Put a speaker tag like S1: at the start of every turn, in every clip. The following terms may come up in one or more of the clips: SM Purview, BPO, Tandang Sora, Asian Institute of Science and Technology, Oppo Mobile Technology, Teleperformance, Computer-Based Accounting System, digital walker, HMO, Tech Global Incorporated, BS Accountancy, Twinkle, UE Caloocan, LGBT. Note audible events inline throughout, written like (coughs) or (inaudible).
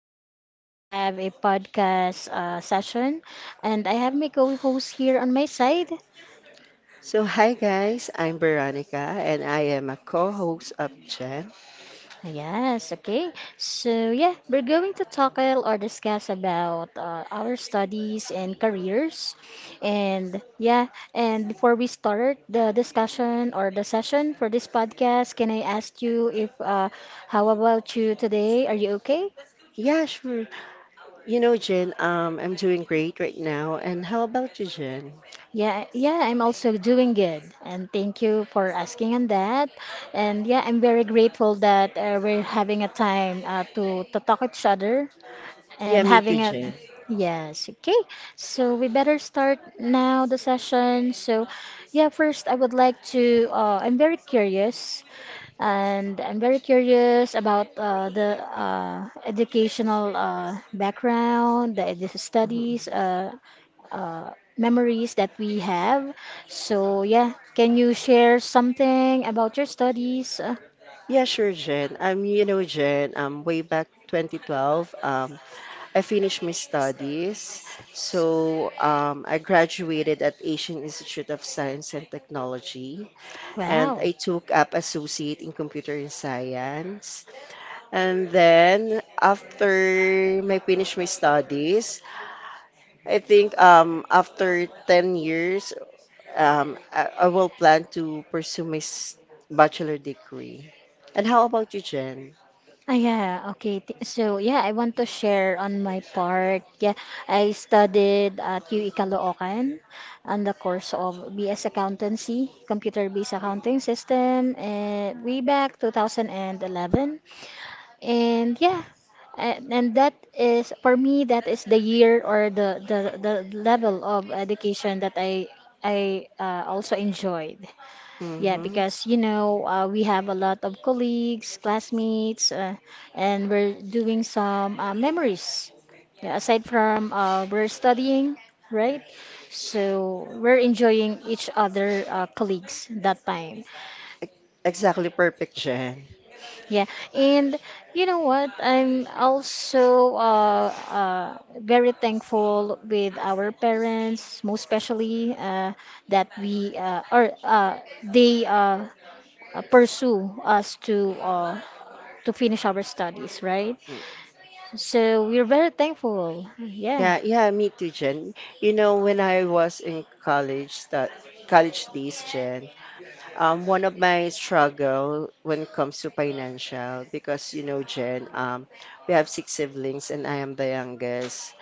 S1: we're going to have a podcast session, and I have my co-host here on my side.
S2: So, hi guys, I'm Veronica and I am a co-host of Jen.
S1: Yes, okay. So yeah, we're going to talk a- or discuss about our studies and careers, and yeah, and before we start the discussion or the session for this podcast, can I ask you if how about you today? Are you okay?
S2: Yeah, sure. You know, Jen, I'm doing great right now. And how about you, Jen?
S1: Yeah, yeah, I'm also doing good. And thank you for asking on that. And yeah, I'm very grateful that we're having a time to talk each other
S2: Yeah,
S1: and
S2: me too,
S1: having a.
S2: Jen.
S1: Yes, okay. So we better start now the session. So, yeah, first I would like to. I'm very curious, and I'm very curious about the educational background, the
S2: Mhm.
S1: studies memories that we have. So, yeah, can you share something about your studies?
S2: Yeah, sure, Jen. Jen, way back 2012, I finished my studies. So, I graduated at Asian Institute of Science and Technology, and
S1: Wow.
S2: I took up associate in computer and science. And then after I finish my studies, I think after 10 years, I will plan to pursue my bachelor degree. And how about you, Jen?
S1: Ah, yeah, okay. Yeah, I want to share on my part. Yeah, I studied at UE Caloocan on the course of BS Accountancy, Computer-Based Accounting System, and way back 2011. And yeah, and that is for me that is the year or the level of education that I also enjoyed. Yeah,
S2: Mm-hmm.
S1: because you know we have a lot of colleagues, classmates, and we're doing some memories. Yeah, aside from we're studying, right? So we're enjoying each other colleagues that time.
S2: Exactly perfect, Jen.
S1: Yeah, and you know what? I'm also very thankful with our parents, most especially that we or they pursue us to finish our studies, right?
S2: Mm.
S1: So we're very thankful. Yeah,
S2: Yeah, yeah, me too, Jen. You know, when I was in college, that college days, Jen. One of my struggle when it comes to financial, because you know, Jen, we have six siblings and I am the youngest.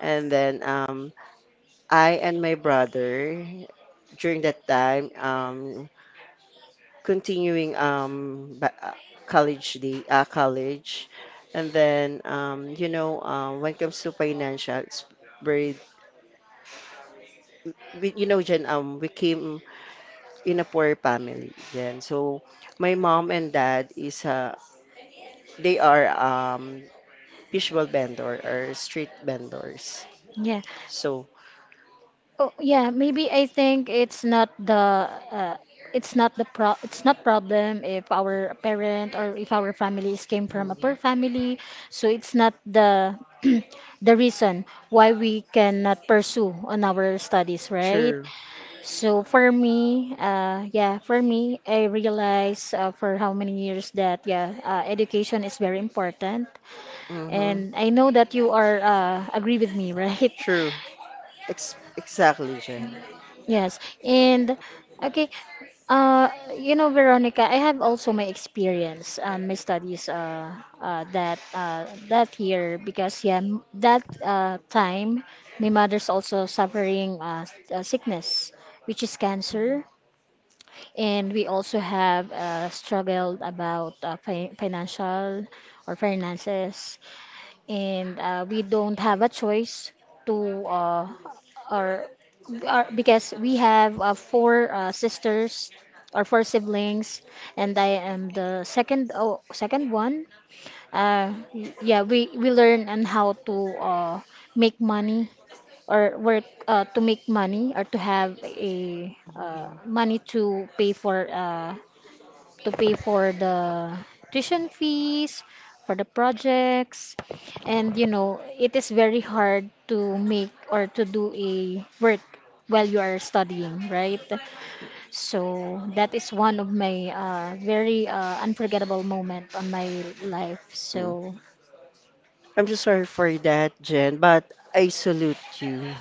S2: And then I and my brother, during that time, continuing college, the college. And then, when it comes to financial, it's very, we, you know, Jen, we came in a poor family, Jen. So my mom and dad is they are visual vendor or street vendors.
S1: yeah.
S2: So,
S1: Oh, yeah, maybe I think uh, it's not the pro it's not problem if our parent or if our families came from a
S2: mm,
S1: poor family, so it's not the (clears throat) the reason why we cannot pursue on our studies, right?
S2: true.
S1: So for me, yeah, for me, I realize for how many years that yeah, education is very important,
S2: Mm-hmm.
S1: and I know that you are agree with me, (laughs) right?
S2: True. Exactly, Jen.
S1: Yes, and. Okay, Uh, you know, Veronica, I have also my experience, my studies, that that year because yeah, that time my mother's also suffering sickness, which is cancer, and we also have struggled about fi financial or finances and we don't have a choice to or, or because we have four sisters or four siblings and I am the second one uh, yeah we learn on how to make money or work to make money or to have a money to pay for the tuition fees, for the projects, and you know, it is very hard to make or to do a work while you are studying, right? So that is one of my very unforgettable moment on my life.
S2: Mm.
S1: So,
S2: I'm just sorry for that, Jen, but I salute you.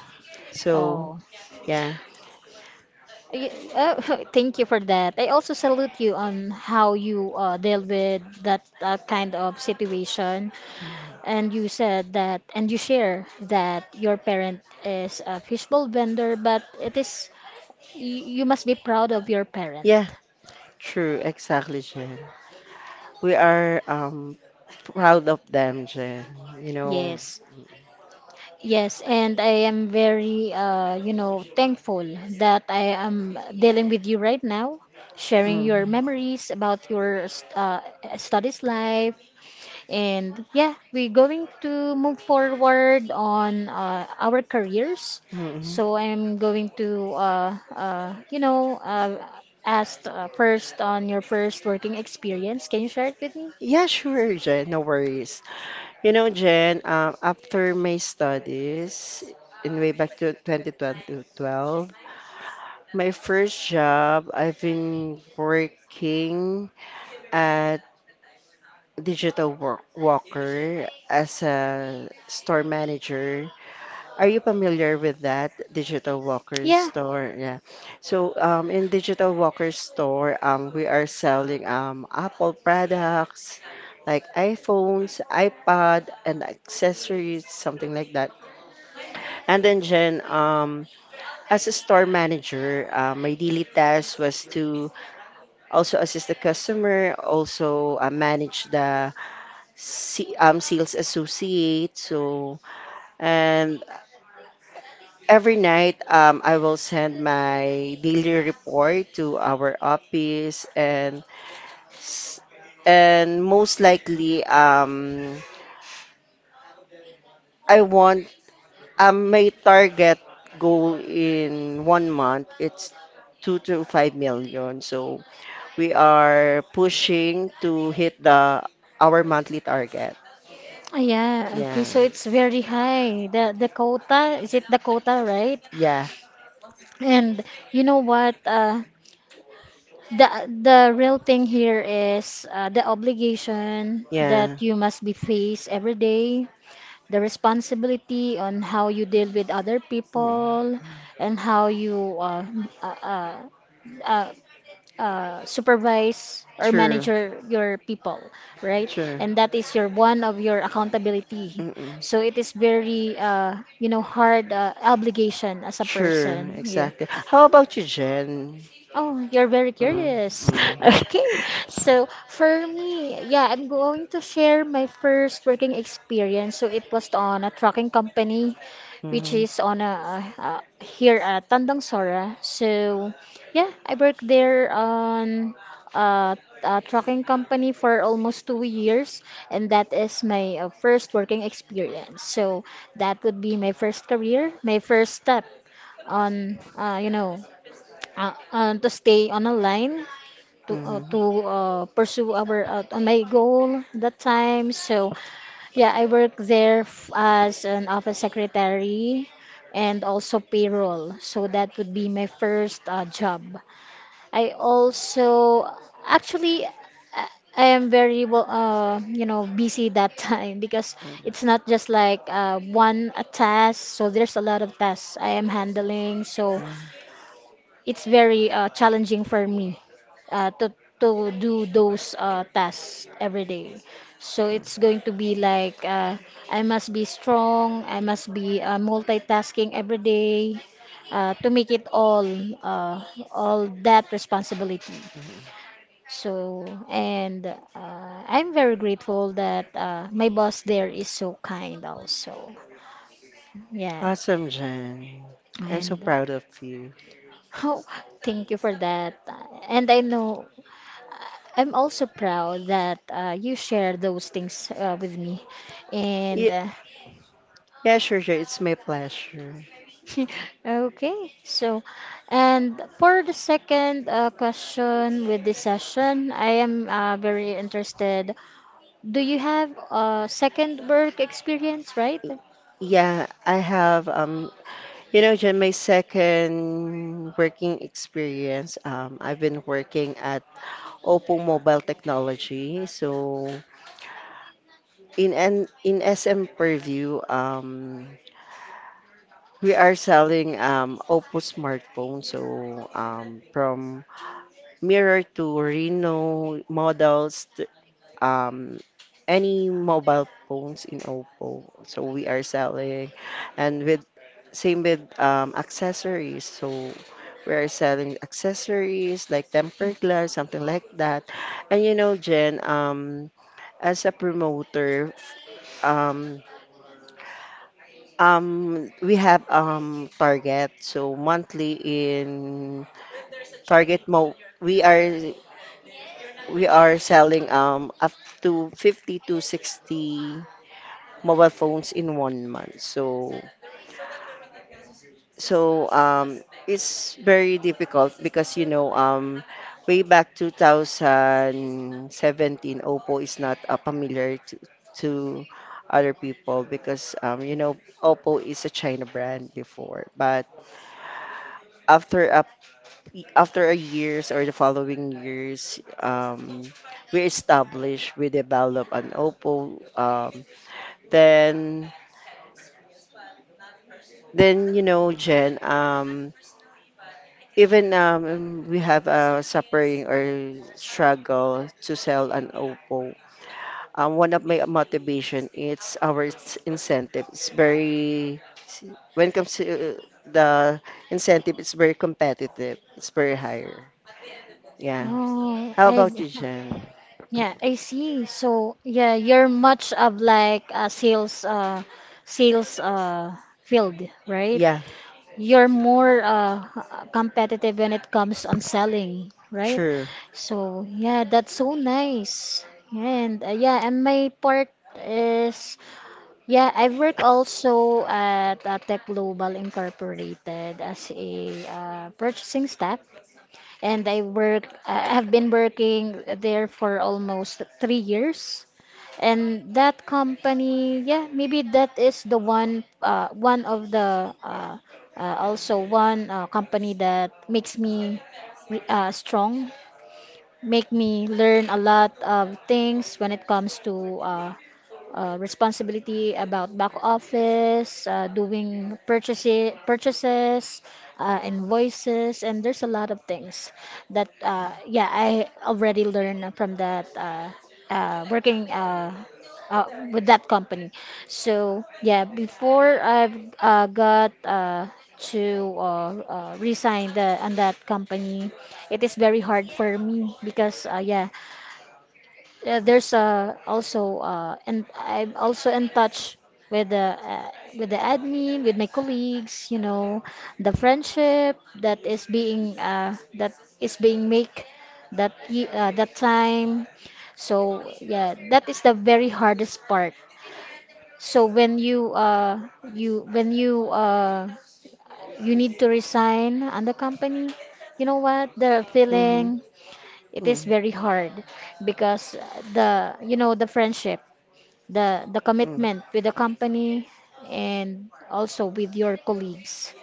S2: So,
S1: oh.
S2: yeah.
S1: Oh, (laughs) thank you for that. I also salute you on how you deal with that kind of situation. And you said that, and you share that your parent is a fishbowl vendor, but it is, you must be proud of your parent.
S2: Yeah, true, exactly, Jen. We are proud of them, Jen. You know.
S1: Yes. Yes, and I am very, you know, thankful that I am dealing with you right now, sharing
S2: Mm,
S1: your memories about your studies life, and yeah, we're going to move forward on our careers.
S2: mm.
S1: So I'm going to, you know, ask first on your first working experience. Can you share it with me?
S2: Yeah, sure, Jen. No worries. You know, Jen, after my studies in way back to 2012, my first job, I've been working at digital work walker as a store manager. Are you familiar with that digital walker
S1: Yeah.
S2: store? Yeah. So in digital walker store, we are selling Apple products like iPhones, iPad, and accessories, something like that. And then Jen, as a store manager, my daily task was to also assist the customer, also manage the sales associate. And every night I will send my daily report to our office, and s- and most likely I want my target goal in one month. It's 2 to 5 million. So we are pushing to hit the our monthly target.
S1: Ah, yeah, okay,
S2: Yeah.
S1: so it's very high. The Dakota, is it Dakota, right?
S2: Yeah.
S1: And you know what? The real thing here is the obligation
S2: Yeah.
S1: that you must be faced every day, the responsibility on how you deal with other
S2: Mm.
S1: people and how you uh, uh, uh, supervise or
S2: True.
S1: manage your people, right?
S2: True.
S1: And that is your one of your accountability.
S2: Mm-mm.
S1: So it is very, you know, hard obligation as a
S2: True.
S1: person. Yeah.
S2: Exactly. How about you, Jen?
S1: Oh, you're very
S2: Mm,
S1: curious.
S2: mm.
S1: (laughs) Okay.
S2: (laughs)
S1: So for me, yeah, I'm going to share my first working experience. So it was on a trucking company, which
S2: Mhm,
S1: is on a, here at Tandang Sora. So yeah, I worked there on a, a trucking company for almost 2 years, and that is my first working experience. So that would be my first career, my first step on you know to stay on a line
S2: mhm,
S1: to pursue our on my goal that time. So yeah, I worked there as an office secretary and also payroll. So that would be my first job. I also actually I am very well, you know, busy that time (laughs) because
S2: mhm.
S1: it's not just like one a task. So there's a lot of tasks I am handling. So
S2: Mm,
S1: it's very challenging for me uh, to to do those tasks every day. So it's going to be like I must be strong, I must be multitasking every day to make it uh, all that responsibility.
S2: mm.
S1: So and I'm very grateful that my boss there is so kind also. Yeah.
S2: Awesome, Jen. I'm so
S1: And
S2: proud of you.
S1: oh, thank you for that. And I know I'm also proud that you share those things with me. And
S2: Yeah, yeah, sure, sure. It's my pleasure.
S1: (laughs) okay, so, and for the second question with this session, I am very interested. Do you have a second work experience, right?
S2: Y- Yeah, I have you know, Jen, my second working experience. I've been working at Oppo Mobile Technology. So in SM Purview, we are selling Oppo smartphone. So from mirror to Reno models, um, any mobile phones in Oppo. So we are selling, and with same with accessories. So we are selling accessories like tempered glass, something like that. And you know, Jen, as a promoter, um, we have target. So monthly in target mo, we are we are selling up to 50 to 60 mobile phones in one month. So it's very difficult because you know way back 2017 Oppo is not familiar to other people because you know Oppo is a China brand before, but after a after a years or the following years, we establish, we develop an Oppo. Then, then you know, Jen, even we have a suffering or struggle to sell an Oppo. One of my motivation, it's our incentive. It's very when it comes to the incentive, it's very competitive. It's very higher. Yeah.
S1: Oh,
S2: How about
S1: I
S2: you, Jen?
S1: Yeah, I see. So, yeah, you're much of like a sales field, right?
S2: Yeah,
S1: You're more competitive when it comes on selling, right?
S2: true.
S1: So, yeah, that's so nice. And yeah, and my part is yeah, I work also at Tech Global Incorporated as a purchasing staff and I have been working there for almost 3 years. And that company, yeah, maybe that is the one one of the also one company that makes me strong, make me learn a lot of things when it comes to uh, responsibility about back office, doing purchases, invoices, and there's a lot of things that yeah I already learned from that working uh, with that company. So yeah, before I've got to resign the on that company, it is very hard for me because yeah there's also and I'm also in touch with the uh, with the admin, with my colleagues, you know, the friendship that is being make that that time. So yeah, that is the very hardest part. So when you you when you need to resign on the company, you know what? The
S2: Mhm.
S1: feeling it is
S2: Mhm.
S1: very hard because the you know the friendship the
S2: Mhm.
S1: commitment with the company and also with your colleagues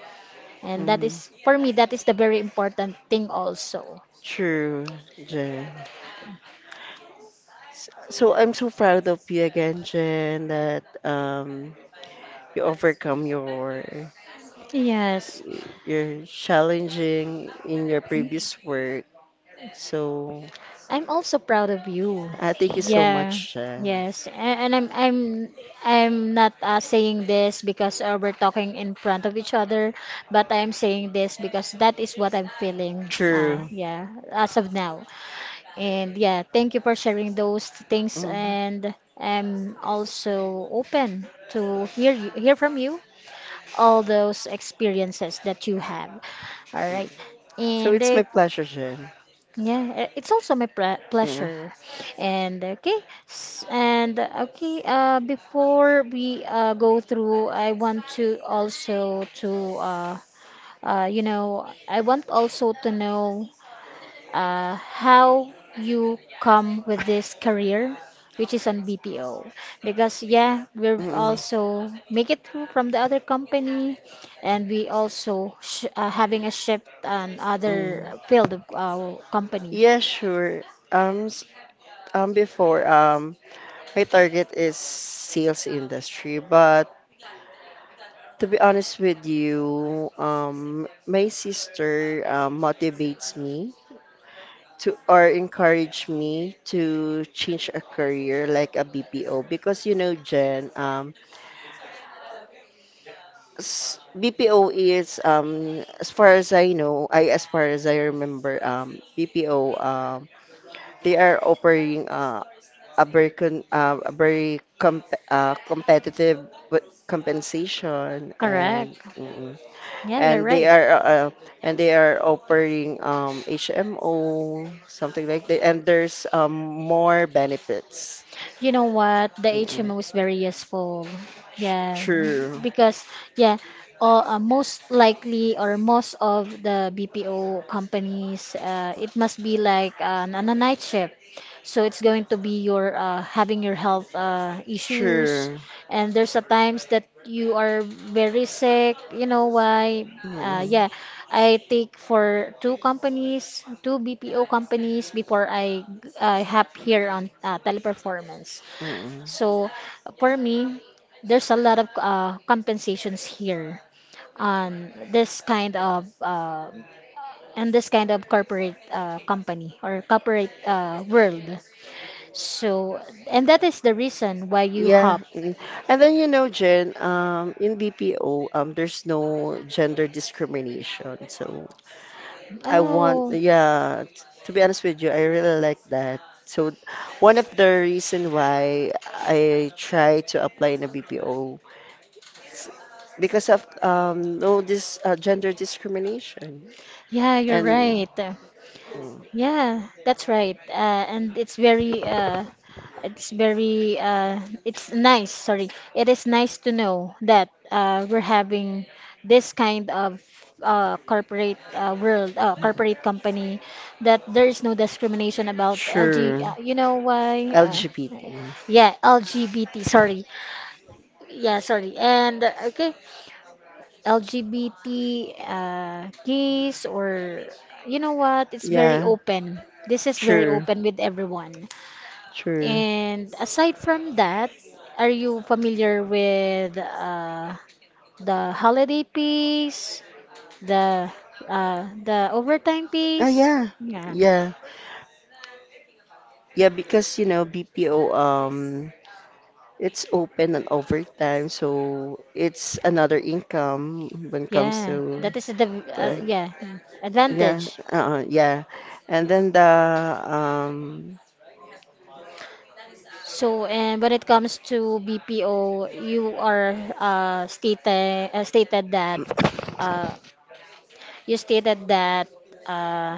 S1: and that
S2: Mhm.
S1: is for me that is the very important thing also.
S2: True, Jen. So I'm so proud of you again, Jen, that you overcome
S1: Yes,
S2: your challenging in your previous work. So
S1: I'm also proud of you.
S2: I thank you so much,
S1: Yeah,
S2: Jen.
S1: yes. A- and I'm not saying this because we're talking in front of each other but I'm saying this because that is what I'm feeling
S2: True.
S1: yeah as of now. And yeah, thank you for sharing those things
S2: Mhm.
S1: and I'm also open to hear from you all those experiences that you have. All right.
S2: So
S1: And
S2: it's my pleasure, Jen.
S1: yeah, it's also my
S2: Yeah.
S1: pleasure. And okay, s- and okay, before we go through, I want to also to you know, I want also to know how you come with this career, which is on BPO. Because, yeah, we're
S2: Mm-mm.
S1: also make it through from the other company, and we also sh having a shift on
S2: Mm.
S1: other field of our company.
S2: Yeah, sure. Um, s- before, my target is sales industry, but to be honest with you, my sister, motivates me to or encourage me to change a career like a BPO because you know, Jen, BPO is, as far as I know, I as far as I remember, BPO, they are operating a very competitive with compensation and
S1: Correct.
S2: mm,
S1: Yeah, you're
S2: and they
S1: right.
S2: are uh, uh, and they are offering HMO something like that, and there's more benefits.
S1: You know what? The
S2: Mm,
S1: HMO is very useful. Yeah,
S2: true,
S1: because yeah, all, most likely or most of the BPO companies, it must be like on a night shift. So it's going to be your having your health issues,
S2: true.
S1: and there's a times that you are very sick you know why
S2: Mm,
S1: yeah I take for two companies two BPO companies before I have here on teleperformance.
S2: mm.
S1: So for me there's a lot of compensations here on this kind of and this kind of corporate company or corporate world. So and that is the reason why you
S2: Yeah.
S1: hop.
S2: Mm. And then you know, Jen, in BPO, there's no gender discrimination. So I want,
S1: Oh,
S2: yeah, to be honest with you, I really like that. So one of the reason why I try to apply in a BPO is because of no this gender discrimination
S1: yeah, you're
S2: and
S1: right.
S2: mm,
S1: Yeah, that's right. And it's very it's very it's nice. Sorry, it is nice to know that we're having this kind of corporate corporate company, that there is no discrimination about LG.
S2: sure
S1: You know why?
S2: LGBT.
S1: Yeah, LGBT. Sorry. Yeah, sorry. And okay, LGBT, gays, or you know what? It's very
S2: Yeah,
S1: open. This is very
S2: sure,
S1: open with everyone.
S2: sure.
S1: And aside from that, are you familiar with the holiday piece, the the overtime
S2: Oh
S1: piece?
S2: yeah,
S1: Yeah,
S2: yeah, yeah. Because you know BPO, it's open and overtime, so it's another income when it comes
S1: yeah.
S2: to
S1: That is the
S2: the
S1: yeah,
S2: yeah,
S1: advantage.
S2: yeah, and then the um,
S1: So, and when it comes to BPO, you are stated that. Uh, You stated that uh,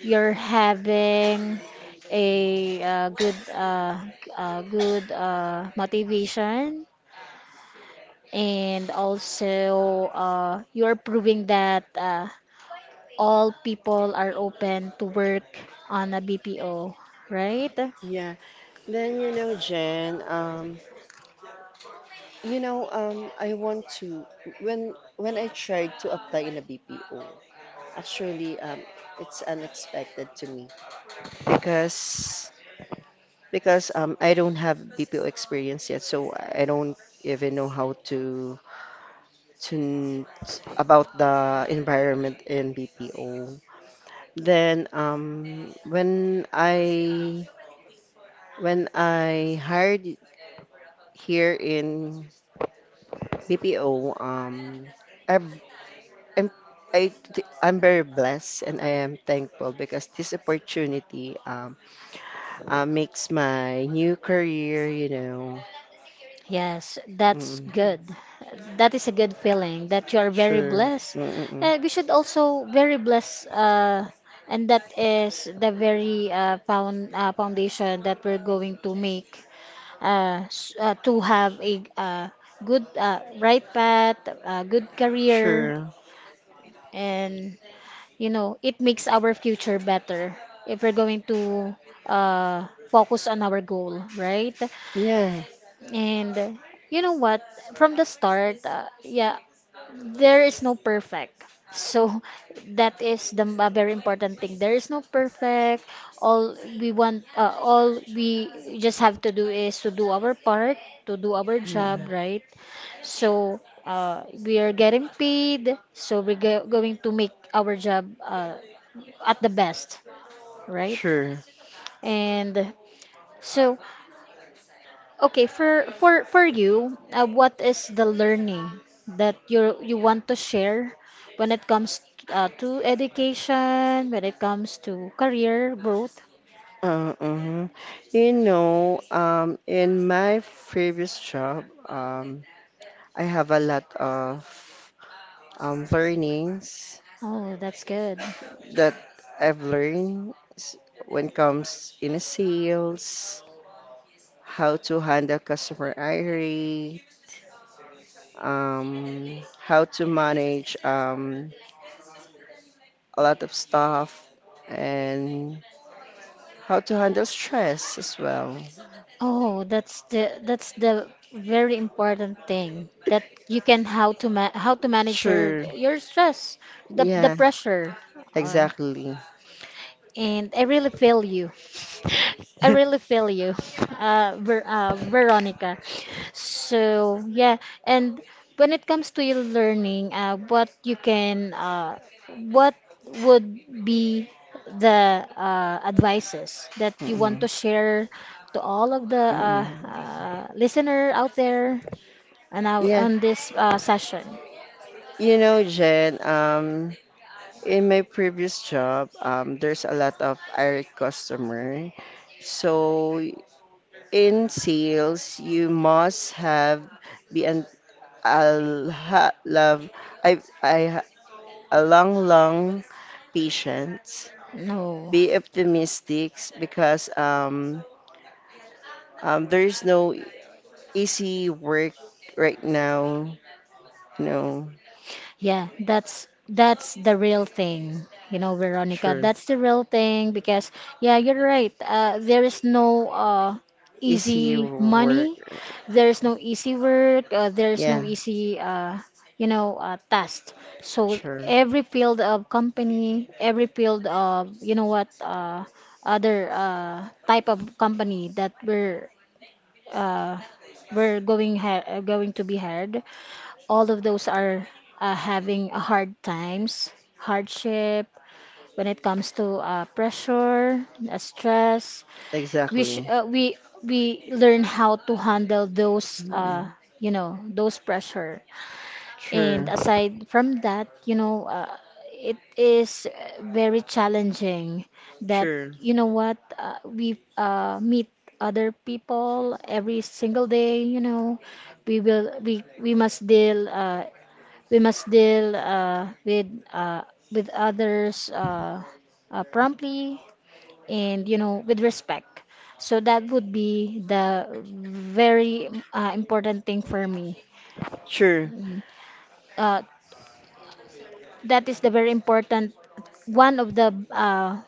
S1: you're having a good good motivation, and also you're proving that all people are open to work on a BPO, right?
S2: yeah, then you know Jen, I want to when I tried to apply in a BPO, actually it's unexpected to me because because I don't have BPO experience yet, so I don't even know how to to n- about the environment in BPO. Then when I hired here in BPO, I've, I'm I, am I am very blessed and I am thankful because this opportunity makes my new career, you know.
S1: Yes, that's
S2: Mm,
S1: good. That is a good feeling that you are very
S2: sure. This.
S1: blessed.
S2: Mm-mm.
S1: We should also very blessed, and that is the very foundation that we're going to make to have a good right path, a good career,
S2: Sure.
S1: and you know it makes our future better if we're going to focus on our goal, right?
S2: Yeah.
S1: And you know what? From the start, yeah, there is no perfect. So (laughs) that is a very important thing. There is no perfect. All we want, all we just have to do is to do our part, to do our job,
S2: Mm,
S1: right? So we are getting paid, so we're going to make our job at the best, right?
S2: sure.
S1: And so, okay, for you, what is the learning that you want to share when it comes to education, when it comes to career growth?
S2: Uh, uh You know, in my previous job, I have a lot of learnings
S1: Oh, that's good.
S2: that I've learned s- when comes in sales, how to handle customer irate, how to manage a lot of stuff, and how to handle stress as well.
S1: Oh, that's the very important thing that you can how to manage your
S2: Sure.
S1: your stress, the
S2: Yeah.
S1: pressure. Or,
S2: Exactly.
S1: and I really feel you. (laughs) I really feel
S2: (laughs)
S1: you, Veronica. So yeah, and when it comes to your learning, what would be the advices that you want
S2: Mm-mm.
S1: to share to all of the
S2: Mm-mm.
S1: listener out there and now
S2: Yeah.
S1: on this session?
S2: You know, Jen, in my previous job, there's a lot of irate customer. So in sales, you must have be an a ha- love I ha- a long, long patience.
S1: No.
S2: Be optimistic because there is no easy work right now. No,
S1: Yeah, that's the real thing. You know, Veronica,
S2: sure.
S1: that's the real thing because yeah, you're right. There is no
S2: Easy
S1: easy
S2: work.
S1: money. There is no easy work. There is no
S2: Yeah,
S1: easy task. So
S2: sure.
S1: every field of company, every field of you know what other type of company that uh going to be hired, all of those are having a hard times, hardship when it comes to pressure, stress. We sh-
S2: Exactly.
S1: uh, we we learn how to handle those
S2: Mm,
S1: you know those pressure. And
S2: sure.
S1: aside from that, you know, it is very challenging that
S2: Sure.
S1: you know what we meet other people every single day. You know, we must deal with uh, others promptly and you know with respect. So that would be the very important thing for me.
S2: Sure.
S1: Mm. Uh, that is the very important, one of the uh,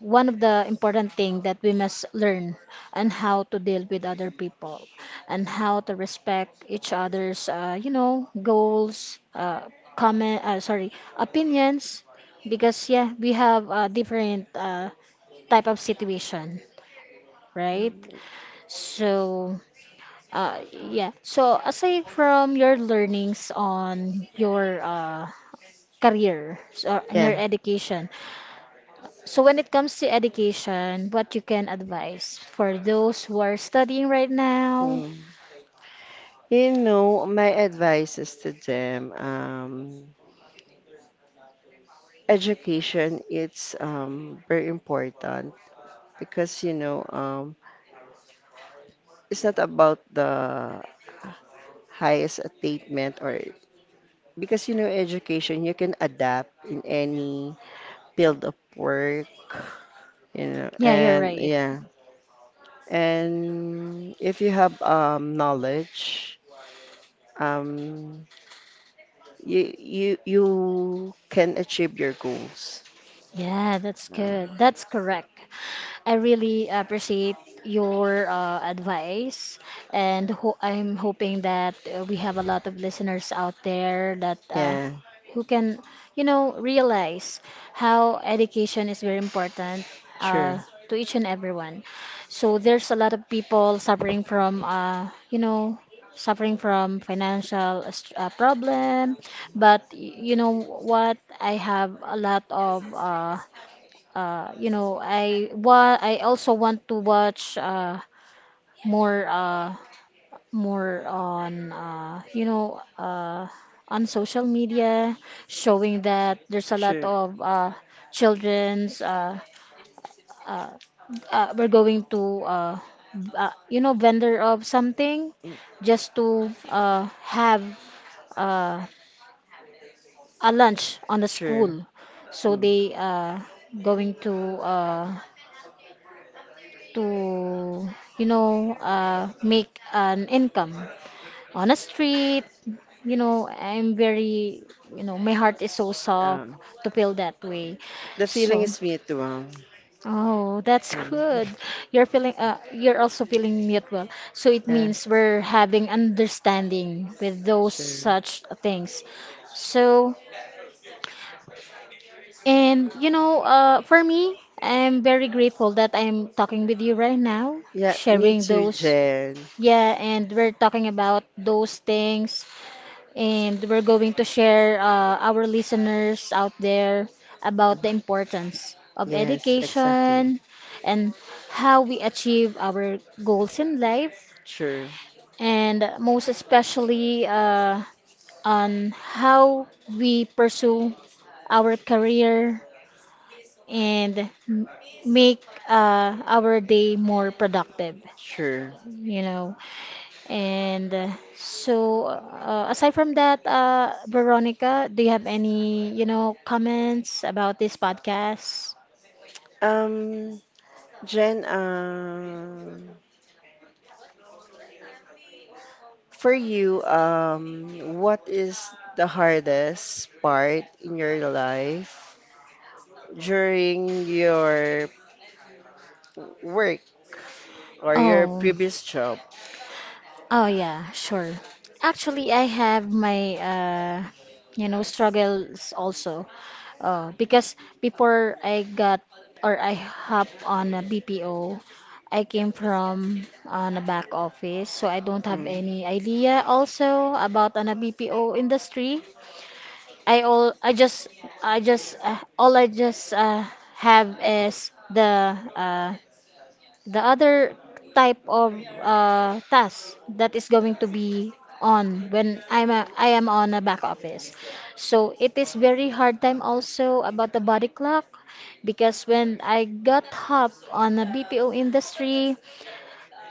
S1: one of the important thing that we must learn, and how to deal with other people and how to respect each other's you know goals, comment sorry, opinions, because yeah we have a different type of situation, right? So uh, yeah, so aside from your learnings on your career, so, and your
S2: Yeah.
S1: education. So when it comes to education, what you can advise for those who are studying right now?
S2: Mm. You know, my advice is to them, education, it's very important because, you know, it's not about the highest attainment or because, you know, education, you can adapt in any field of work, you know,
S1: Yeah, you're
S2: and
S1: right.
S2: yeah. And if you have knowledge, um, you you can achieve your goals.
S1: Yeah, that's
S2: So,
S1: good. That's correct. I really appreciate your advice, and ho I'm hoping that we have a lot of listeners out there that
S2: yeah,
S1: who can, you know, realize how education is very important,
S2: true,
S1: uh, to each and everyone. So there's a lot of people suffering from, you know, suffering from financial problem. But you know what? I have a lot of you know, I what I also want to watch more, more on on social media, showing that there's a lot
S2: true,
S1: of children's, we're going to v- you know, vendor of something,
S2: mm,
S1: just to have uh a lunch on a
S2: true.
S1: school, so
S2: Mm.
S1: they going uh to you know make an income on a street. You know, I'm very, you know, my heart is so soft
S2: Um,
S1: to feel that way.
S2: the feeling
S1: So
S2: is mutual.
S1: oh, that's
S2: Mm.
S1: good, you're feeling, you're also feeling it well, so it
S2: Yeah,
S1: means we're having understanding with those
S2: sure.
S1: such things. So, and you know, for me, I'm very grateful that I'm talking with you right now,
S2: Yeah, me
S1: sharing
S2: too,
S1: those.
S2: Jen.
S1: Yeah, and we're talking about those things, and we're going to share our listeners out there about the importance of
S2: Yes, exactly.
S1: education, and how we achieve our goals in life,
S2: Sure,
S1: and most especially on how we pursue our career and make our day more productive,
S2: sure.
S1: you know. And so, aside from that, Veronica, do you have any, you know, comments about this podcast?
S2: Um, Jen, for you, what is the hardest part in your life during your work or your
S1: Oh.
S2: previous job?
S1: Oh yeah, sure. Actually, I have my you know struggles also, because before I got or I hop on a BPO, I came from on a back office, so I don't have
S2: Mm,
S1: any idea also about on a BPO industry. I all I just all I just have is the other type of task that is going to be on when I am on a back office. So it is very hard time also about the body clock, because when I got hop on a BPO industry,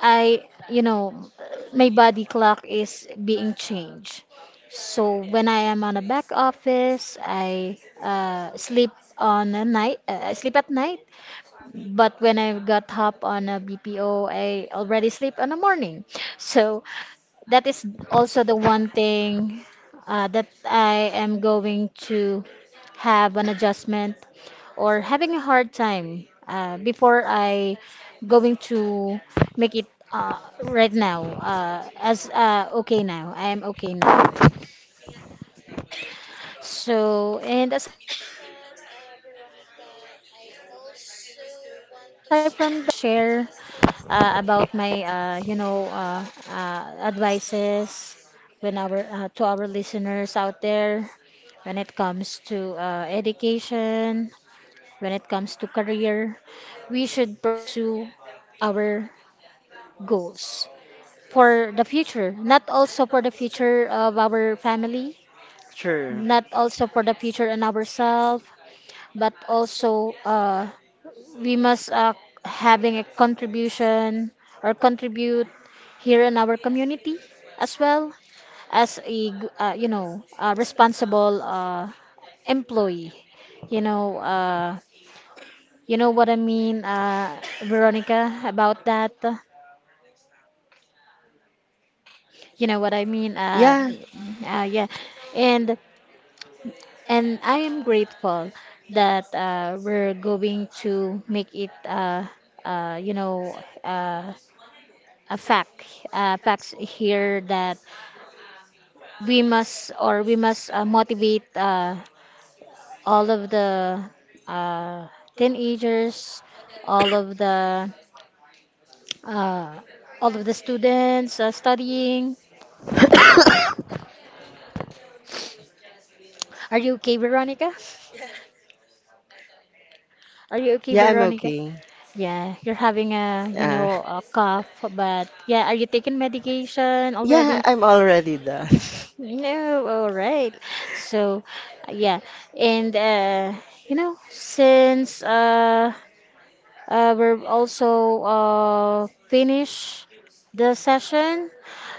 S1: I you know my body clock is being changed. So when I am on a back office, uh, sleep I sleep at night, but when I got hop on a BPO, I already sleep in the morning. So that is also the one thing that I am going to have an adjustment, or having a hard time before I going to make it right now, as okay now. I am okay now. So, and aside from that, Veronica, I also want to share about my you know, advices when our to our listeners out there, when it comes to education, when it comes to career, we should pursue our goals for the future, not also for the future of our family,
S2: sure.
S1: not also for the future and ourselves, but also we must having a contribution or contribute here in our community as well, as a you know a responsible employee, you know uh, you know what I mean, Veronica, about that, you know what I mean,
S2: Yeah,
S1: yeah. And I am grateful that we're going to make it, you know, uh, a fact, facts here, that we must or we must motivate all of the uh, teenagers, all of the uh, all of the students studying.
S2: (coughs)
S1: Are you okay, Veronica? Are you okay,
S2: yeah, I'm
S1: Veronica?
S2: okay.
S1: Yeah, you're having a you
S2: Uh,
S1: know a cough. But yeah, are you taking medication
S2: yeah,
S1: already?
S2: I'm already done.
S1: (laughs) No, all right. So, yeah, and you know, since we're also finish the session,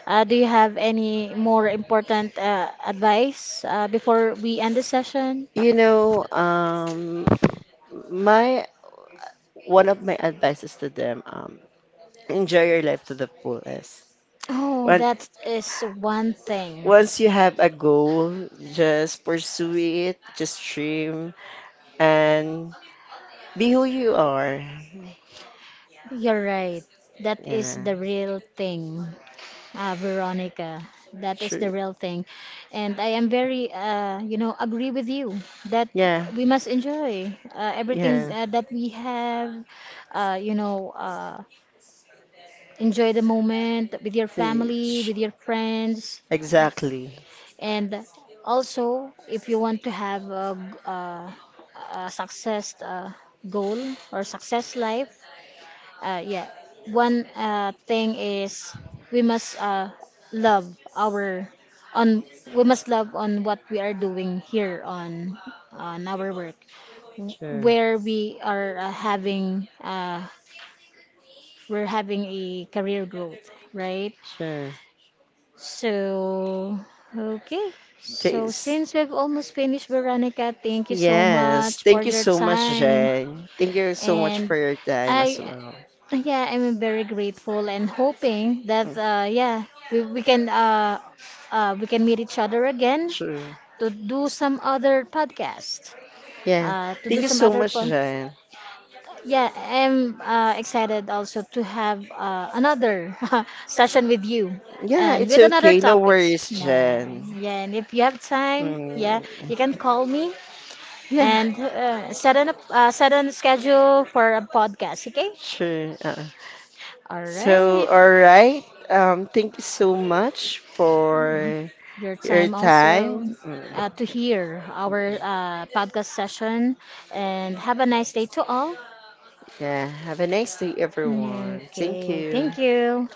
S1: do you have any more important advice before we end the session?
S2: You know, my one of my advices to them, enjoy your life to the fullest.
S1: Oh,
S2: When,
S1: that is one thing.
S2: once you have a goal, just pursue it, just dream, and be who you are.
S1: You're right. That is
S2: Yeah,
S1: the real thing. Ah, Veronica, that is the
S2: true.
S1: real thing. And I am very, you know, agree with you that
S2: Yeah,
S1: we must enjoy everything
S2: yeah.
S1: that we have, you know, enjoy the moment with your family,
S2: Ch-
S1: with your friends.
S2: Exactly.
S1: And also, if you want to have a, a success goal or success life, yeah, one thing is we must love our on we must love on what we are doing here on our work,
S2: Sure,
S1: where we are having we're having a career growth, right?
S2: sure.
S1: So okay, so
S2: Thanks.
S1: since we've almost finished, Veronica, thank you so
S2: Yes,
S1: much for
S2: thank you
S1: your
S2: so much,
S1: time.
S2: Jen. Thank you so much
S1: And
S2: for your time as
S1: I,
S2: well.
S1: yeah, I'm very grateful and hoping that
S2: Mm,
S1: yeah, we can we can meet each other again
S2: true.
S1: to do some other podcast.
S2: Yeah.
S1: To
S2: Thank
S1: do
S2: you
S1: some
S2: so
S1: other
S2: much,
S1: po-
S2: Jan.
S1: yeah, I'm excited also to have another (laughs) session with you,
S2: Yeah,
S1: and
S2: it's
S1: with another
S2: okay. No worries,
S1: topics, yeah,
S2: Jan.
S1: yeah, and if you have time, yeah,
S2: Mm.
S1: you can call me
S2: Yeah,
S1: and set a schedule for a podcast, okay,
S2: sure.
S1: all
S2: So,
S1: right,
S2: all right. Thank you so much
S1: um,
S2: for
S1: your
S2: your
S1: time. Also,
S2: time. Mm,
S1: to hear our
S2: mm.
S1: podcast session, and have a nice day to all.
S2: Yeah, have a nice day,
S1: Mm,
S2: everyone. Thank
S1: okay,
S2: you.
S1: thank you.